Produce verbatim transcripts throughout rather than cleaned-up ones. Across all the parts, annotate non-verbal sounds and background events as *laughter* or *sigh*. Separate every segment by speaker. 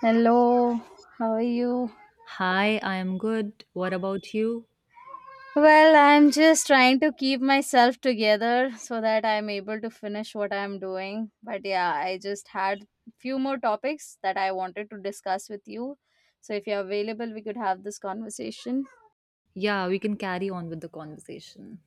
Speaker 1: Hello, how are you?
Speaker 2: Hi, I am good. What about you?
Speaker 1: Well, I'm just trying to keep myself together so that I'm able to finish what I'm doing. But yeah, I just had few more topics that I wanted to discuss with you. So if you're available, we could have this conversation.
Speaker 2: Yeah, we can carry on with the conversation.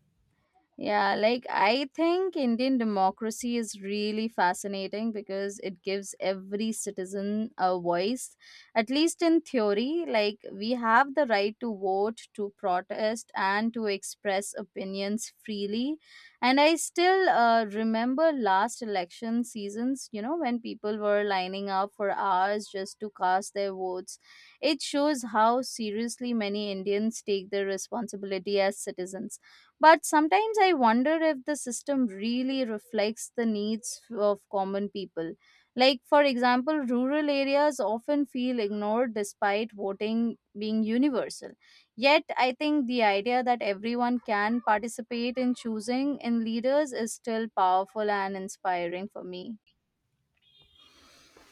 Speaker 1: Yeah, like I think Indian democracy is really fascinating because it gives every citizen a voice, at least in theory. Like, we have the right to vote, to protest, and to express opinions freely. And I still uh, remember last election seasons, you know, when people were lining up for hours just to cast their votes. It shows how seriously many Indians take their responsibility as citizens. But sometimes I wonder if the system really reflects the needs of common people. Like, for example, rural areas often feel ignored despite voting being universal. Yet, I think the idea that everyone can participate in choosing in leaders is still powerful and inspiring for me.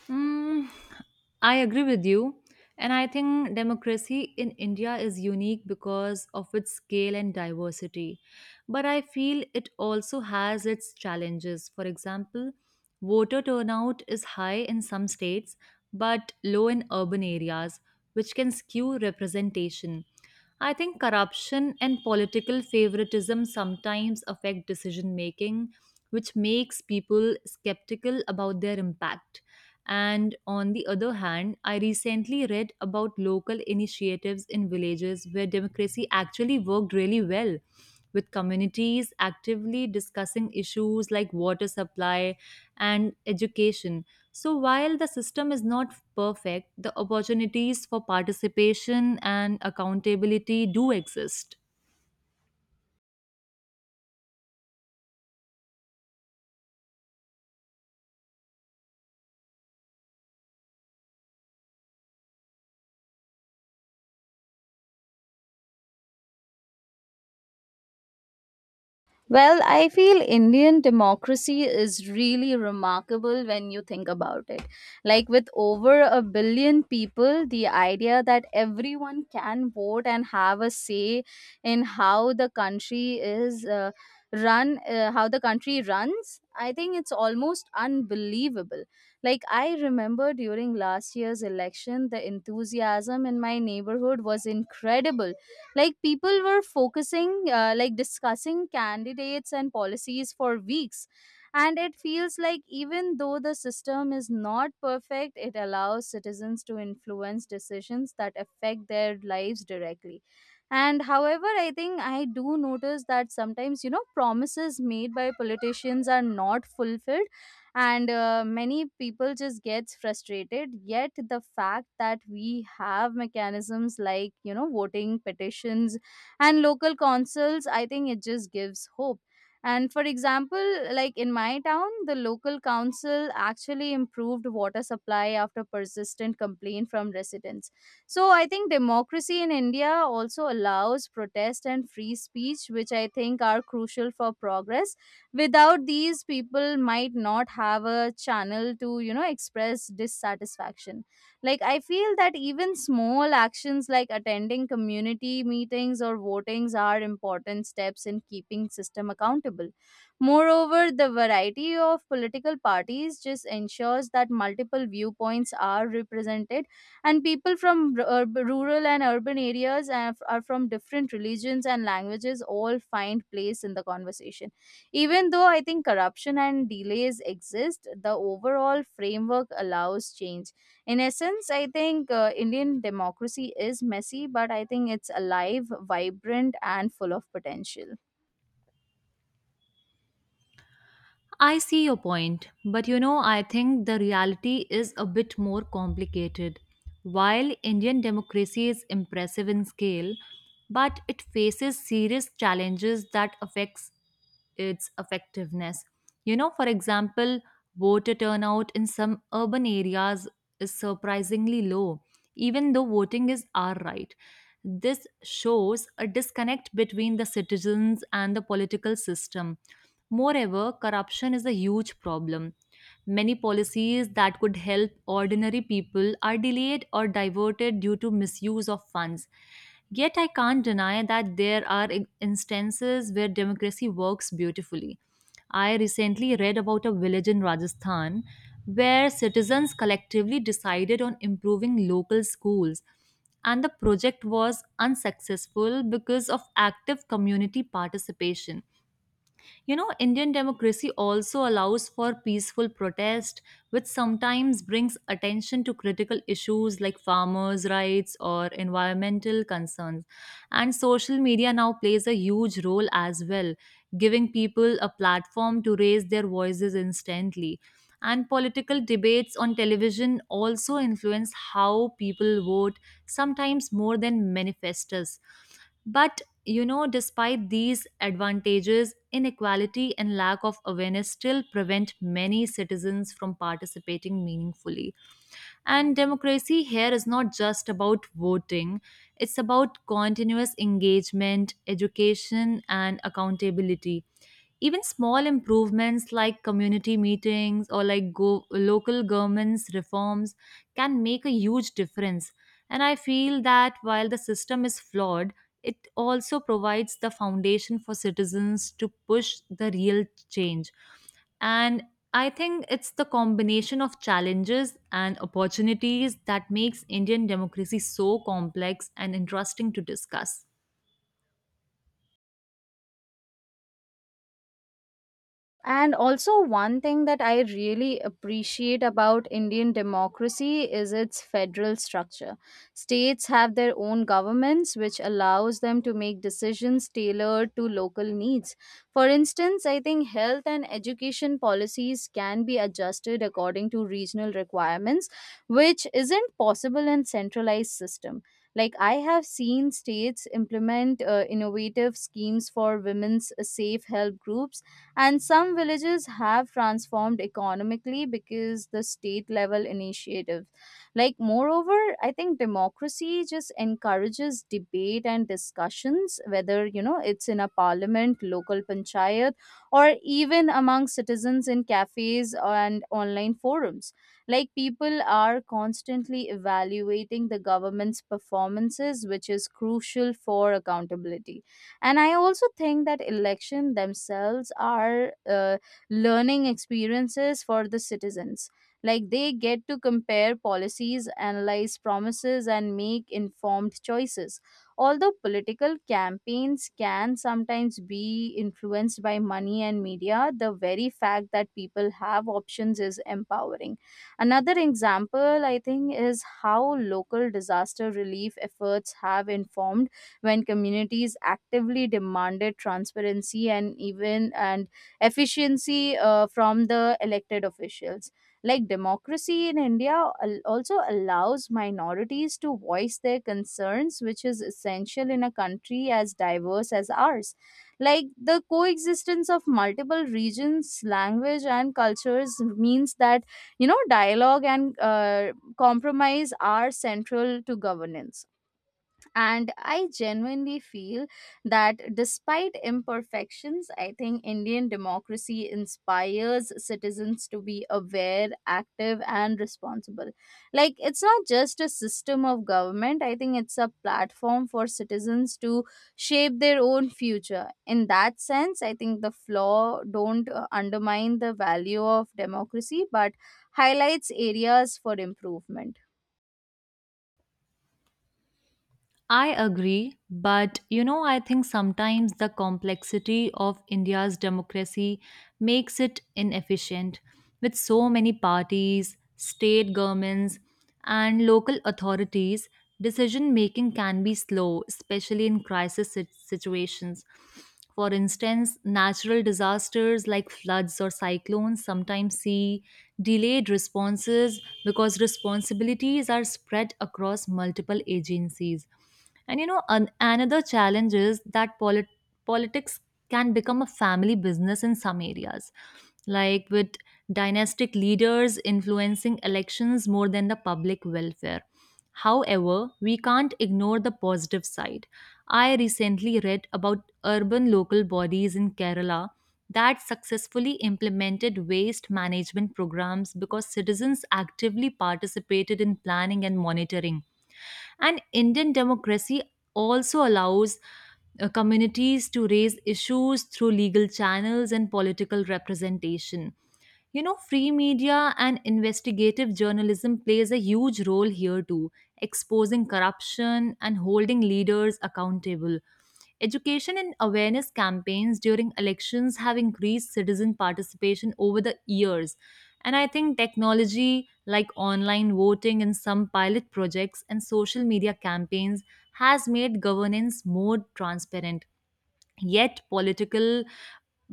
Speaker 2: Mm, I agree with you. And I think democracy in India is unique because of its scale and diversity. But I feel it also has its challenges. For example, voter turnout is high in some states but low in urban areas, which can skew representation. I think corruption and political favoritism sometimes affect decision making, which makes people skeptical about their impact. And on the other hand, I recently read about local initiatives in villages where democracy actually worked really well, with communities actively discussing issues like water supply and education. So, while the system is not perfect, the opportunities for participation and accountability do exist.
Speaker 1: Well, I feel Indian democracy is really remarkable when you think about it. Like, with over a billion people, the idea that everyone can vote and have a say in how the country is uh, run, uh, how the country runs, I think it's almost unbelievable. Like, I remember during last year's election, the enthusiasm in my neighborhood was incredible. Like people were focusing uh, like discussing candidates and policies for weeks, and it feels like even though the system is not perfect, it allows citizens to influence decisions that affect their lives directly. And however, I think I do notice that sometimes, you know promises made by politicians are not fulfilled, and uh, many people just gets frustrated. Yet the fact that we have mechanisms like, you know voting petitions and local councils, I think it just gives hope. And for example, like in my town, the local council actually improved water supply after persistent complaint from residents. So I think democracy in India also allows protest and free speech, which I think are crucial for progress. Without these, people might not have a channel to, you know express dissatisfaction. Like, I feel that even small actions like attending community meetings or votings are important steps in keeping system accountable. Moreover, the variety of political parties just ensures that multiple viewpoints are represented, and people from r- ur- rural and urban areas are are from different religions and languages, all find place in the conversation. Even though I think corruption and delays exist, the overall framework allows change. In essence, I think uh, Indian democracy is messy, but I think it's alive, vibrant, and full of potential.
Speaker 2: I see your point, but you know, I think the reality is a bit more complicated. While Indian democracy is impressive in scale, but it faces serious challenges that affects its effectiveness. You know, for example, voter turnout in some urban areas is surprisingly low, even though voting is our right. This shows a disconnect between the citizens and the political system. Moreover, corruption is a huge problem. Many policies that could help ordinary people are delayed or diverted due to misuse of funds. Yet, I can't deny that there are in- instances where democracy works beautifully. I recently read about a village in Rajasthan where citizens collectively decided on improving local schools, and the project was unsuccessful because of active community participation. You know, Indian democracy also allows for peaceful protest, which sometimes brings attention to critical issues like farmers' rights or environmental concerns. And social media now plays a huge role as well, giving people a platform to raise their voices instantly. And political debates on television also influence how people vote, sometimes more than manifestos. But you know, despite these advantages, inequality and lack of awareness still prevent many citizens from participating meaningfully. And democracy here is not just about voting, it's about continuous engagement, education, and accountability. Even small improvements like community meetings or like go- local governments reforms can make a huge difference, and I feel that while the system is flawed, it also provides the foundation for citizens to push the real change. And I think it's the combination of challenges and opportunities that makes Indian democracy so complex and interesting to discuss.
Speaker 1: And also, one thing that I really appreciate about Indian democracy is its federal structure. States have their own governments, which allows them to make decisions tailored to local needs. For instance, I think health and education policies can be adjusted according to regional requirements, which isn't possible in centralized system. Like I have seen states implement uh, innovative schemes for women's safe help groups, and some villages have transformed economically because the state level initiative. Like, moreover, I think democracy just encourages debate and discussions, whether, you know, it's in a parliament, local panchayat, or even among citizens in cafes and online forums. Like, people are constantly evaluating the government's performances, which is crucial for accountability. And I also think that election themselves are uh, learning experiences for the citizens. Like they get to compare policies, analyze promises, and make informed choices. Although political campaigns can sometimes be influenced by money and media, the very fact that people have options is empowering. Another example, I think, is how local disaster relief efforts have informed when communities actively demanded transparency and even and efficiency uh, from the elected officials. Like democracy in India al- also allows minorities to voice their concerns, which is essential in a country as diverse as ours. Like the coexistence of multiple regions, language, and cultures means that, you know dialogue and uh, compromise are central to governance. And I genuinely feel that despite imperfections, I think Indian democracy inspires citizens to be aware, active, and responsible. Like it's not just a system of government, I think it's a platform for citizens to shape their own future. In that sense, I think the flaw don't uh, undermine the value of democracy but highlights areas for improvement.
Speaker 2: I agree, but you know, I think sometimes the complexity of India's democracy makes it inefficient with so many parties, state governments, and local authorities. Decision making can be slow, especially in crisis sit- situations. For instance, natural disasters like floods or cyclones sometimes see delayed responses because responsibilities are spread across multiple agencies. And you know, an, another challenge is that polit- politics can become a family business in some areas, like with dynastic leaders influencing elections more than the public welfare. However, we can't ignore the positive side. I recently read about urban local bodies in Kerala that successfully implemented waste management programs because citizens actively participated in planning and monitoring. And Indian democracy also allows uh, communities to raise issues through legal channels and political representation. You know, free media and investigative journalism plays a huge role here too, exposing corruption and holding leaders accountable. Education and awareness campaigns during elections have increased citizen participation over the years. And I think technology like online voting and some pilot projects and social media campaigns has made governance more transparent. Yet, political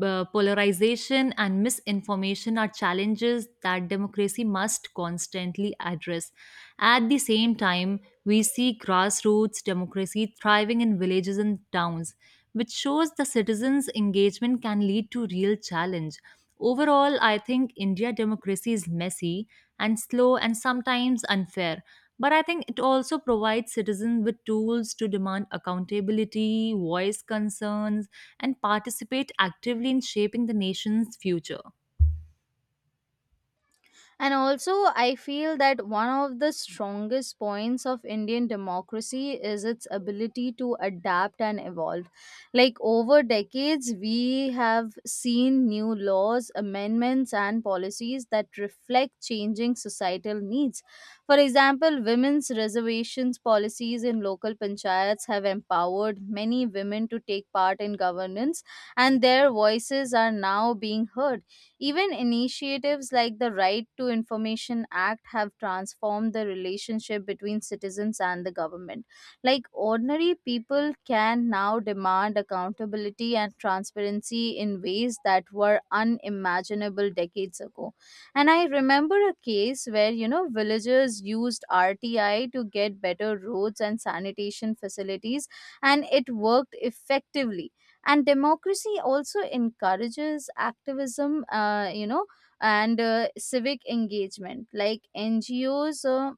Speaker 2: uh, polarization and misinformation are challenges that democracy must constantly address. At the same time, we see grassroots democracy thriving in villages and towns, which shows the citizens' engagement can lead to real challenge. Overall, I think India democracy is messy and slow and sometimes unfair. But I think it also provides citizens with tools to demand accountability, voice concerns, and participate actively in shaping the nation's future.
Speaker 1: And also, I feel that one of the strongest points of Indian democracy is its ability to adapt and evolve. Like over decades, we have seen new laws, amendments, and policies that reflect changing societal needs. For example, women's reservations policies in local panchayats have empowered many women to take part in governance, and their voices are now being heard. Even initiatives like the Right to Information Act have transformed the relationship between citizens and the government. Like ordinary people can now demand accountability and transparency in ways that were unimaginable decades ago. And I remember a case where, you know, villagers used R T I to get better roads and sanitation facilities, and it worked effectively. And democracy also encourages activism uh, you know and uh, civic engagement like ngos uh,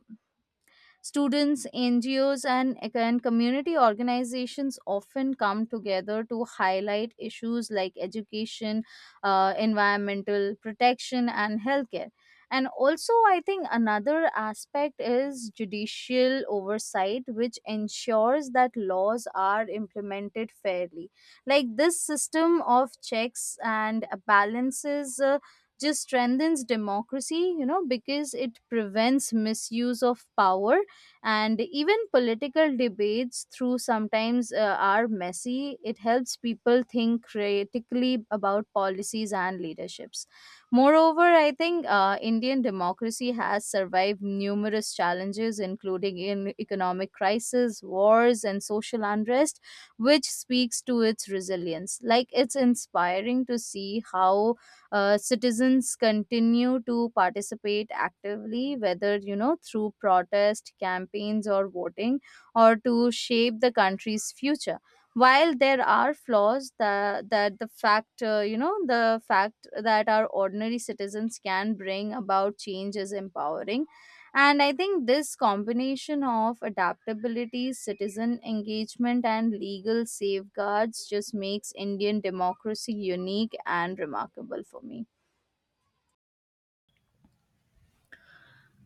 Speaker 1: Students, N G Os, and, and community organizations often come together to highlight issues like education, uh, environmental protection, and healthcare. And also, I think another aspect is judicial oversight, which ensures that laws are implemented fairly. Like this system of checks and balances uh, just strengthens democracy, you know, because it prevents misuse of power. And even political debates through sometimes uh, are messy, it helps people think critically about policies and leaderships. Moreover, I think uh, Indian democracy has survived numerous challenges including in economic crisis, wars, and social unrest, which speaks to its resilience. Like it's inspiring to see how uh, citizens continue to participate actively, whether, you know, through protest, campaigns, or voting, or to shape the country's future. While there are flaws, that that the fact uh, you know the fact that our ordinary citizens can bring about change is empowering, and I think this combination of adaptability, citizen engagement, and legal safeguards just makes Indian democracy unique and remarkable for me.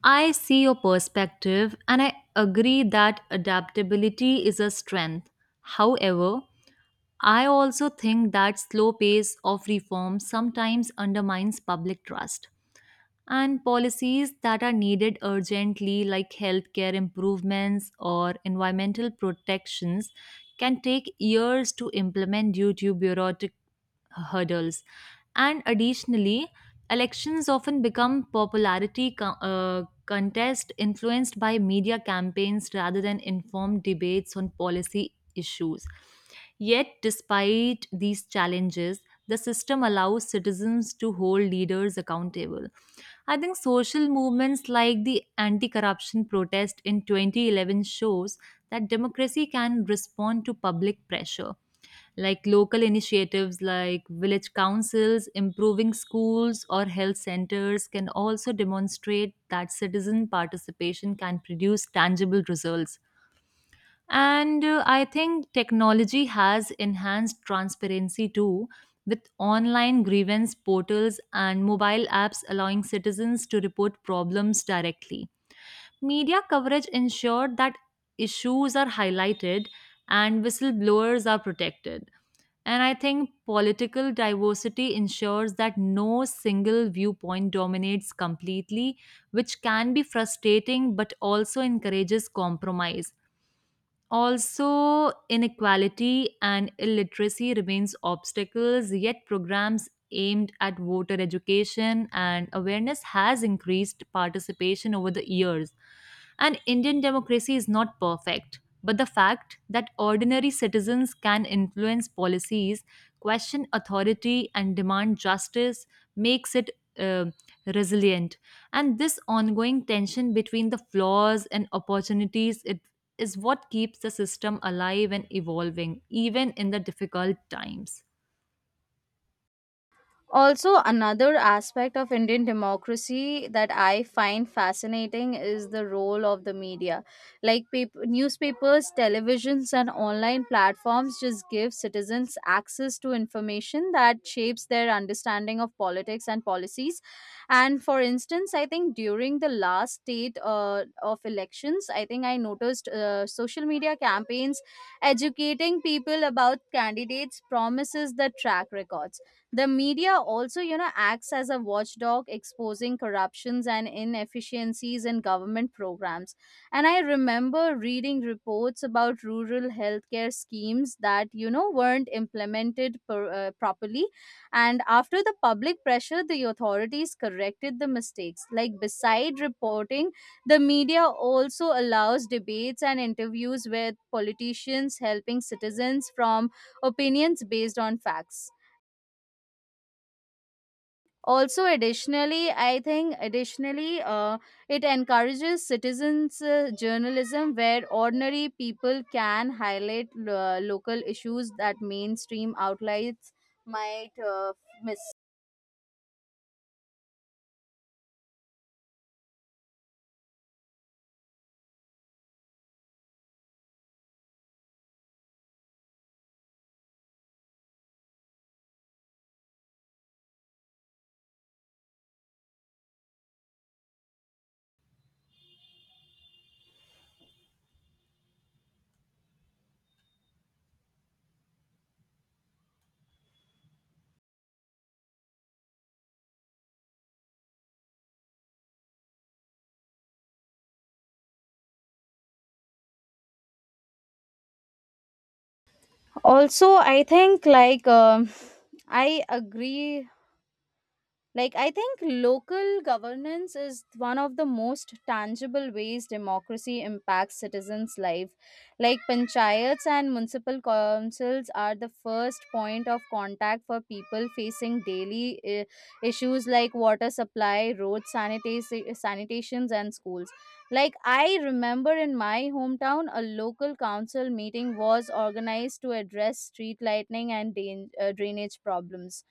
Speaker 2: I see your perspective and I agree that adaptability is a strength. However, I also think that slow pace of reform sometimes undermines public trust, and policies that are needed urgently, like healthcare improvements or environmental protections, can take years to implement due to bureaucratic hurdles. And additionally, elections often become popularity co- uh, contest influenced by media campaigns rather than informed debates on policy issues. Yet, despite these challenges, the system allows citizens to hold leaders accountable. I think social movements like the anti corruption protest in twenty eleven shows that democracy can respond to public pressure. Like local initiatives like village councils, improving schools, or health centers can also demonstrate that citizen participation can produce tangible results. And uh, I think technology has enhanced transparency too, with online grievance portals and mobile apps allowing citizens to report problems directly. Media coverage ensured that issues are highlighted and whistleblowers are protected. And I think political diversity ensures that no single viewpoint dominates completely, which can be frustrating but also encourages compromise. Also, inequality and illiteracy remains obstacles, yet programs aimed at voter education and awareness has increased participation over the years. And Indian democracy is not perfect, but the fact that ordinary citizens can influence policies, question authority and demand justice makes it uh, resilient. And this ongoing tension between the flaws and opportunities it is what keeps the system alive and evolving even in the difficult times.
Speaker 1: Also, another aspect of Indian democracy that I find fascinating is the role of the media. Like pap- newspapers, televisions, and online platforms just give citizens access to information that shapes their understanding of politics and policies. And for instance, I think during the last state uh, of elections, I think I noticed uh, social media campaigns educating people about candidates' promises, the track records. The media also, you know, acts as a watchdog, exposing corruptions and inefficiencies in government programs. And I remember reading reports about rural healthcare schemes that, you know, weren't implemented per, uh, properly. And after the public pressure, the authorities corrected the mistakes. Like, beside reporting, the media also allows debates and interviews with politicians, helping citizens from opinions based on facts. Also additionally i think additionally uh, it encourages citizens uh, journalism, where ordinary people can highlight uh, local issues that mainstream outlets might uh, miss. Also, I think, like, um, I agree. Like, I think local governance is one of the most tangible ways democracy impacts citizens' life. Like, panchayats and municipal councils are the first point of contact for people facing daily uh, issues like water supply, road sanita- sanitations, and schools. Like, I remember in my hometown, a local council meeting was organized to address street lighting and drain- uh, drainage problems,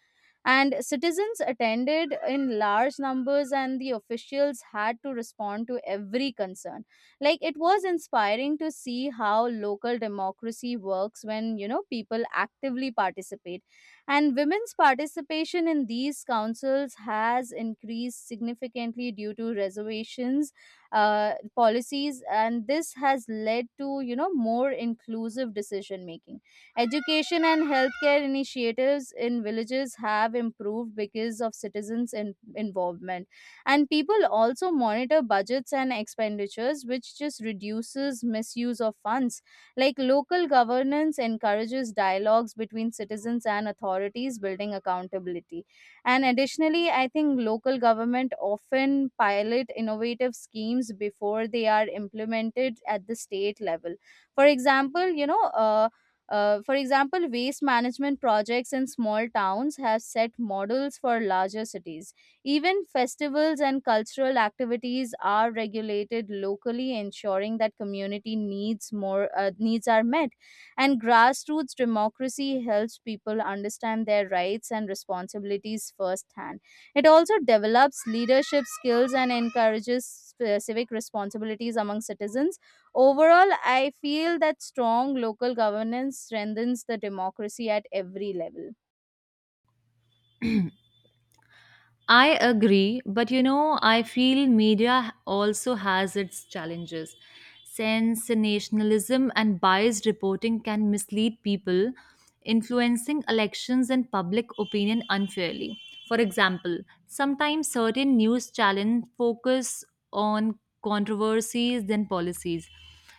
Speaker 1: and citizens attended in large numbers, and the officials had to respond to every concern. Like it was inspiring to see how local democracy works when, you know, people actively participate. And women's participation in these councils has increased significantly due to reservations uh, policies, and this has led to, you know, more inclusive decision making. Education and healthcare initiatives in villages have improved because of citizens' in- involvement. And people also monitor budgets and expenditures, which just reduces misuse of funds. Like local governance encourages dialogues between citizens and authorities, building accountability. And additionally, I think local government often pilot innovative schemes before they are implemented at the state level. For example, you know, uh, uh, for example, waste management projects in small towns have set models for larger cities. Even festivals and cultural activities are regulated locally, ensuring that community needs more uh, needs are met. And grassroots democracy helps people understand their rights and responsibilities firsthand. It also develops leadership skills and encourages uh, civic responsibilities among citizens. Overall, I feel that strong local governance strengthens the democracy at every level.
Speaker 2: I agree, but you know, I feel media also has its challenges. Sensationalism and biased reporting can mislead people, influencing elections and public opinion unfairly. For example, sometimes certain news channels focus on controversies than policies,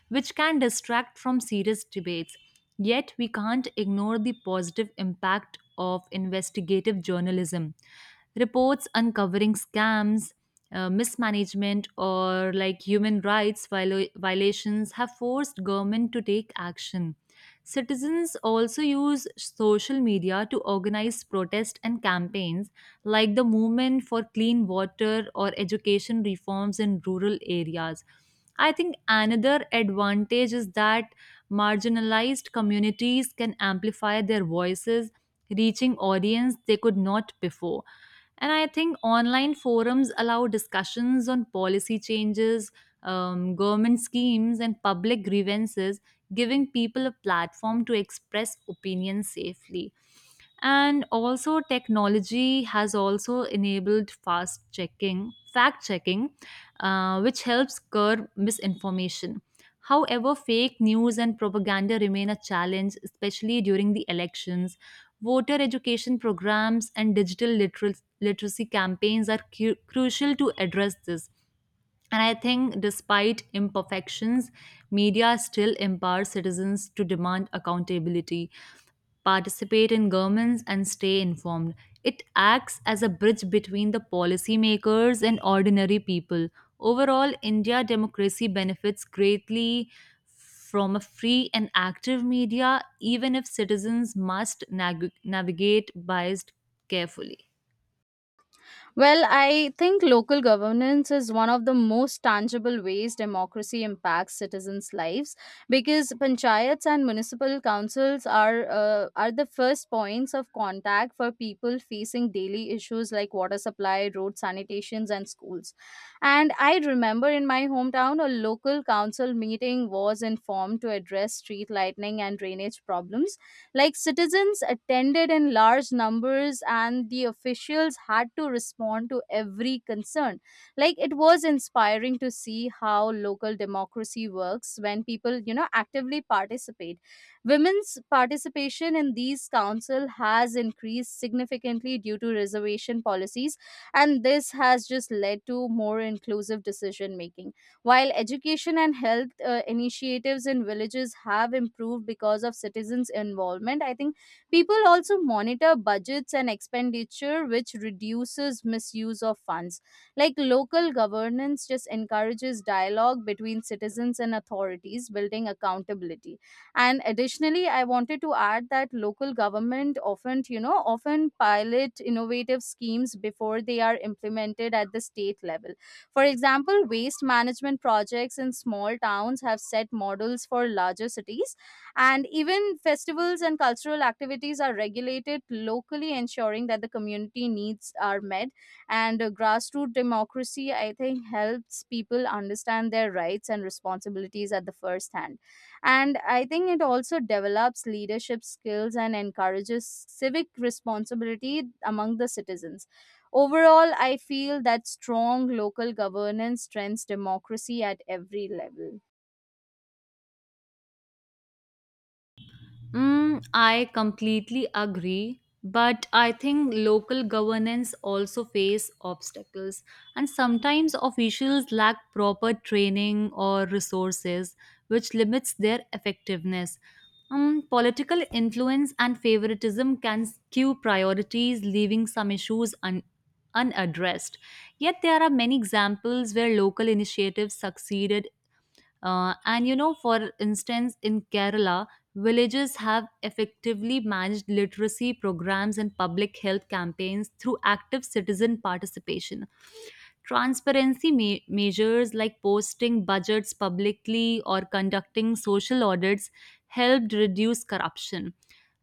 Speaker 2: which can distract from serious debates. Yet, we can't ignore the positive impact of investigative journalism reports uncovering scams, uh, mismanagement, or like human rights viola- violations have forced government to take action. Citizens also use social media to organize protests and campaigns, like the movement for clean water or education reforms in rural areas. I think another advantage is that marginalized communities can amplify their voices, reaching audience they could not before. And I think online forums allow discussions on policy changes, um, government schemes, and public grievances, giving people a platform to express opinions safely. And also technology has also enabled fast checking fact checking, uh, which helps curb misinformation. However, fake news and propaganda remain a challenge especially during the elections. Voter education programs and digital literal- literacy campaigns are cu- crucial to address this. And I think, despite imperfections, media still empowers citizens to demand accountability, participate in governments, and stay informed. It acts as a bridge between the policymakers and ordinary people. Overall, India democracy benefits greatly from a free and active media, even if citizens must nag- navigate bias carefully.
Speaker 1: Well, I think local governance is one of the most tangible ways democracy impacts citizens' lives, because panchayats and municipal councils are uh, are the first points of contact for people facing daily issues like water supply, road sanitations, and schools. And I remember in my hometown, a local council meeting was informed to address street lighting and drainage problems. Like citizens attended in large numbers, and the officials had to respond to every concern. Like it was inspiring to see how local democracy works when people, you know, actively participate. Women's participation in these council has increased significantly due to reservation policies, and this has just led to more inclusive decision making. While education and health uh, initiatives in villages have improved because of citizens' involvement, I think people also monitor budgets and expenditure, which reduces misuse of funds. Like local governance just encourages dialogue between citizens and authorities, building accountability. And additionally, I wanted to add that local government often, you know, often pilot innovative schemes before they are implemented at the state level. For example, waste management projects in small towns have set models for larger cities, and even festivals and cultural activities are regulated locally, ensuring that the community needs are met. And uh, grassroots democracy, I think, helps people understand their rights and responsibilities at the first hand. And I think it also develops leadership skills and encourages civic responsibility among the citizens. Overall, I feel that strong local governance strengthens democracy at every level.
Speaker 2: Mm, I completely agree, but I think local governance also face obstacles, and sometimes officials lack proper training or resources, which limits their effectiveness. Um, political influence and favoritism can skew priorities, leaving some issues un- unaddressed. Yet, there are many examples where local initiatives succeeded, uh, and you know, for instance, in Kerala, villages have effectively managed literacy programs and public health campaigns through active citizen participation. Transparency me- measures like posting budgets publicly or conducting social audits helped reduce corruption.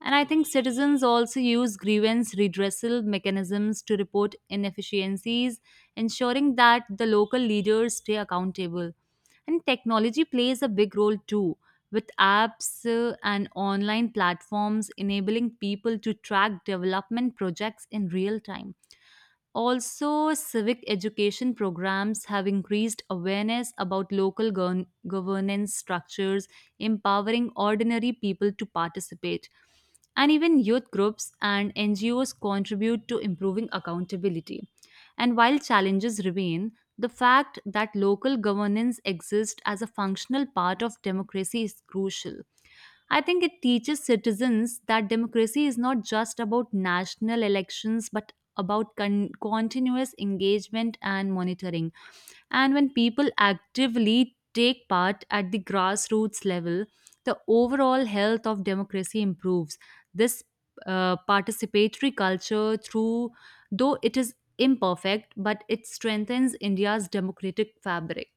Speaker 2: And I think citizens also use grievance redressal mechanisms to report inefficiencies, ensuring that the local leaders stay accountable. And technology plays a big role too, with apps uh, and online platforms enabling people to track development projects in real time. Also, civic education programs have increased awareness about local gov- governance structures, empowering ordinary people to participate. And even youth groups and N G Os contribute to improving accountability. And while challenges remain, the fact that local governance exists as a functional part of democracy is crucial. I think it teaches citizens that democracy is not just about national elections but about con- continuous engagement and monitoring. And when people actively take part at the grassroots level, the overall health of democracy improves. This uh, participatory culture, through though it is imperfect, but it strengthens India's democratic fabric.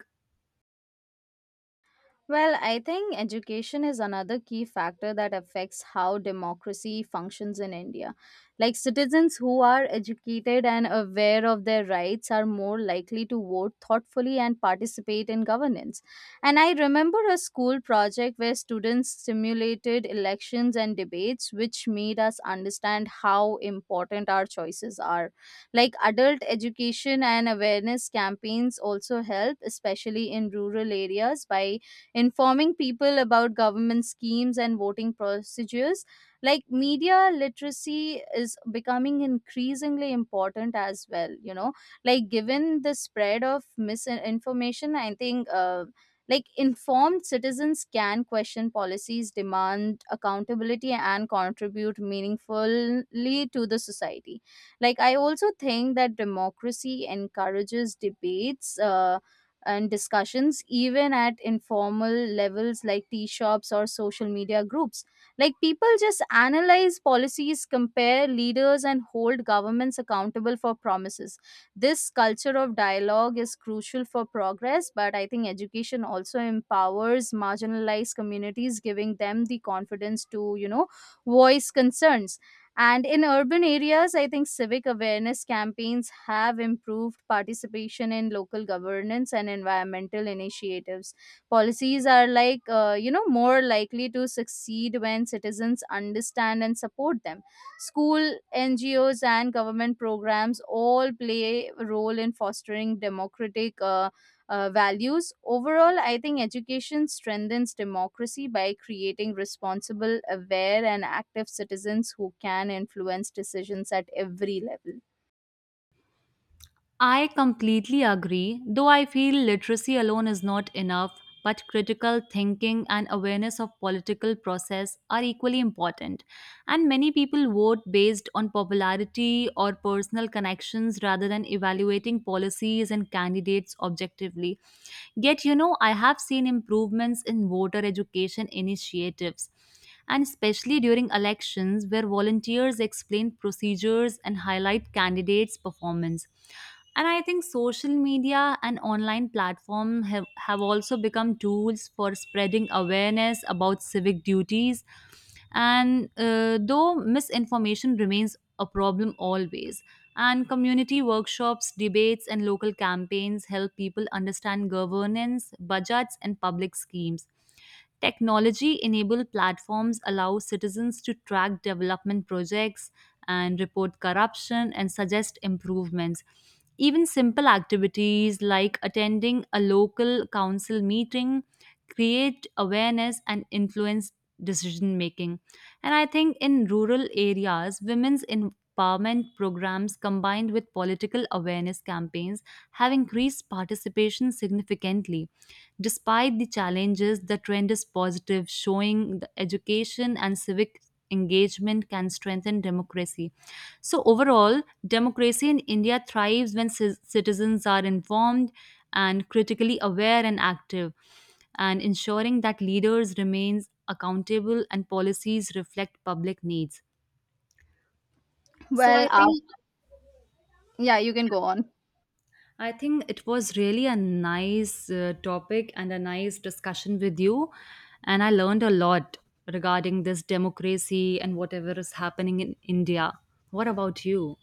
Speaker 1: Well, I think education is another key factor that affects how democracy functions in India. Like citizens who are educated and aware of their rights are more likely to vote thoughtfully and participate in governance. And I remember a school project where students simulated elections and debates, which made us understand how important our choices are. Like adult education and awareness campaigns also help, especially in rural areas, by informing people about government schemes and voting procedures. Like media literacy is becoming increasingly important as well, you know. Like given the spread of misinformation, I think, uh, like informed citizens can question policies, demand accountability, and contribute meaningfully to the society. Like I also think that democracy encourages debates uh, and discussions even at informal levels like tea shops or social media groups. Like people just analyze policies, compare leaders, and hold governments accountable for promises. This culture of dialogue is crucial for progress, but I think education also empowers marginalized communities, giving them the confidence to, you know voice concerns. And in urban areas, I think civic awareness campaigns have improved participation in local governance and environmental initiatives. Policies are like, uh, you know, more likely to succeed when citizens understand and support them. School, N G Os, and government programs all play a role in fostering democratic. Uh, uh, values. Overall, I think education strengthens democracy by creating responsible, aware, and active citizens who can influence decisions at every level.
Speaker 2: I completely agree, though I feel literacy alone is not enough, but critical thinking and awareness of political process are equally important. And many people vote based on popularity or personal connections rather than evaluating policies and candidates objectively. Yet, you know, I have seen improvements in voter education initiatives. And especially during elections, where volunteers explain procedures and highlight candidates' performance. And I think social media and online platform have, have also become tools for spreading awareness about civic duties. And uh, though misinformation remains a problem always, and community workshops, debates, and local campaigns help people understand governance, budgets, and public schemes. Technology enabled platforms allow citizens to track development projects, and report corruption and suggest improvements. Even simple activities like attending a local council meeting create awareness and influence decision making. And I think in rural areas, women's empowerment programs combined with political awareness campaigns have increased participation significantly. Despite the challenges, the trend is positive, showing the education and civic engagement can strengthen democracy. So, overall, democracy in India thrives when ci- citizens are informed and critically aware and active, and ensuring that leaders remain accountable and policies reflect public needs. So,
Speaker 1: Well,
Speaker 2: I
Speaker 1: uh,
Speaker 2: think
Speaker 1: yeah, you can go on.
Speaker 2: I think it was really a nice uh, topic and a nice discussion with you. And I learned a lot regarding this democracy and whatever is happening in India. What about you?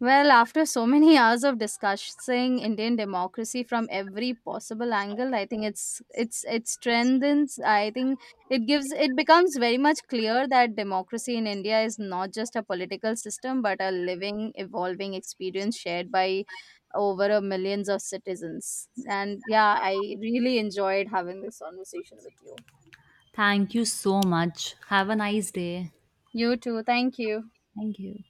Speaker 1: Well, after so many *laughs* hours of discussing Indian democracy from every possible angle, I think it's it's it strengthens. I think it gives it becomes very much clear that democracy in India is not just a political system, but a living, evolving experience shared by over a millions of citizens. And yeah, I really enjoyed having this conversation with you.
Speaker 2: Thank you so much. Have a nice day.
Speaker 1: You too. Thank you.
Speaker 2: Thank you.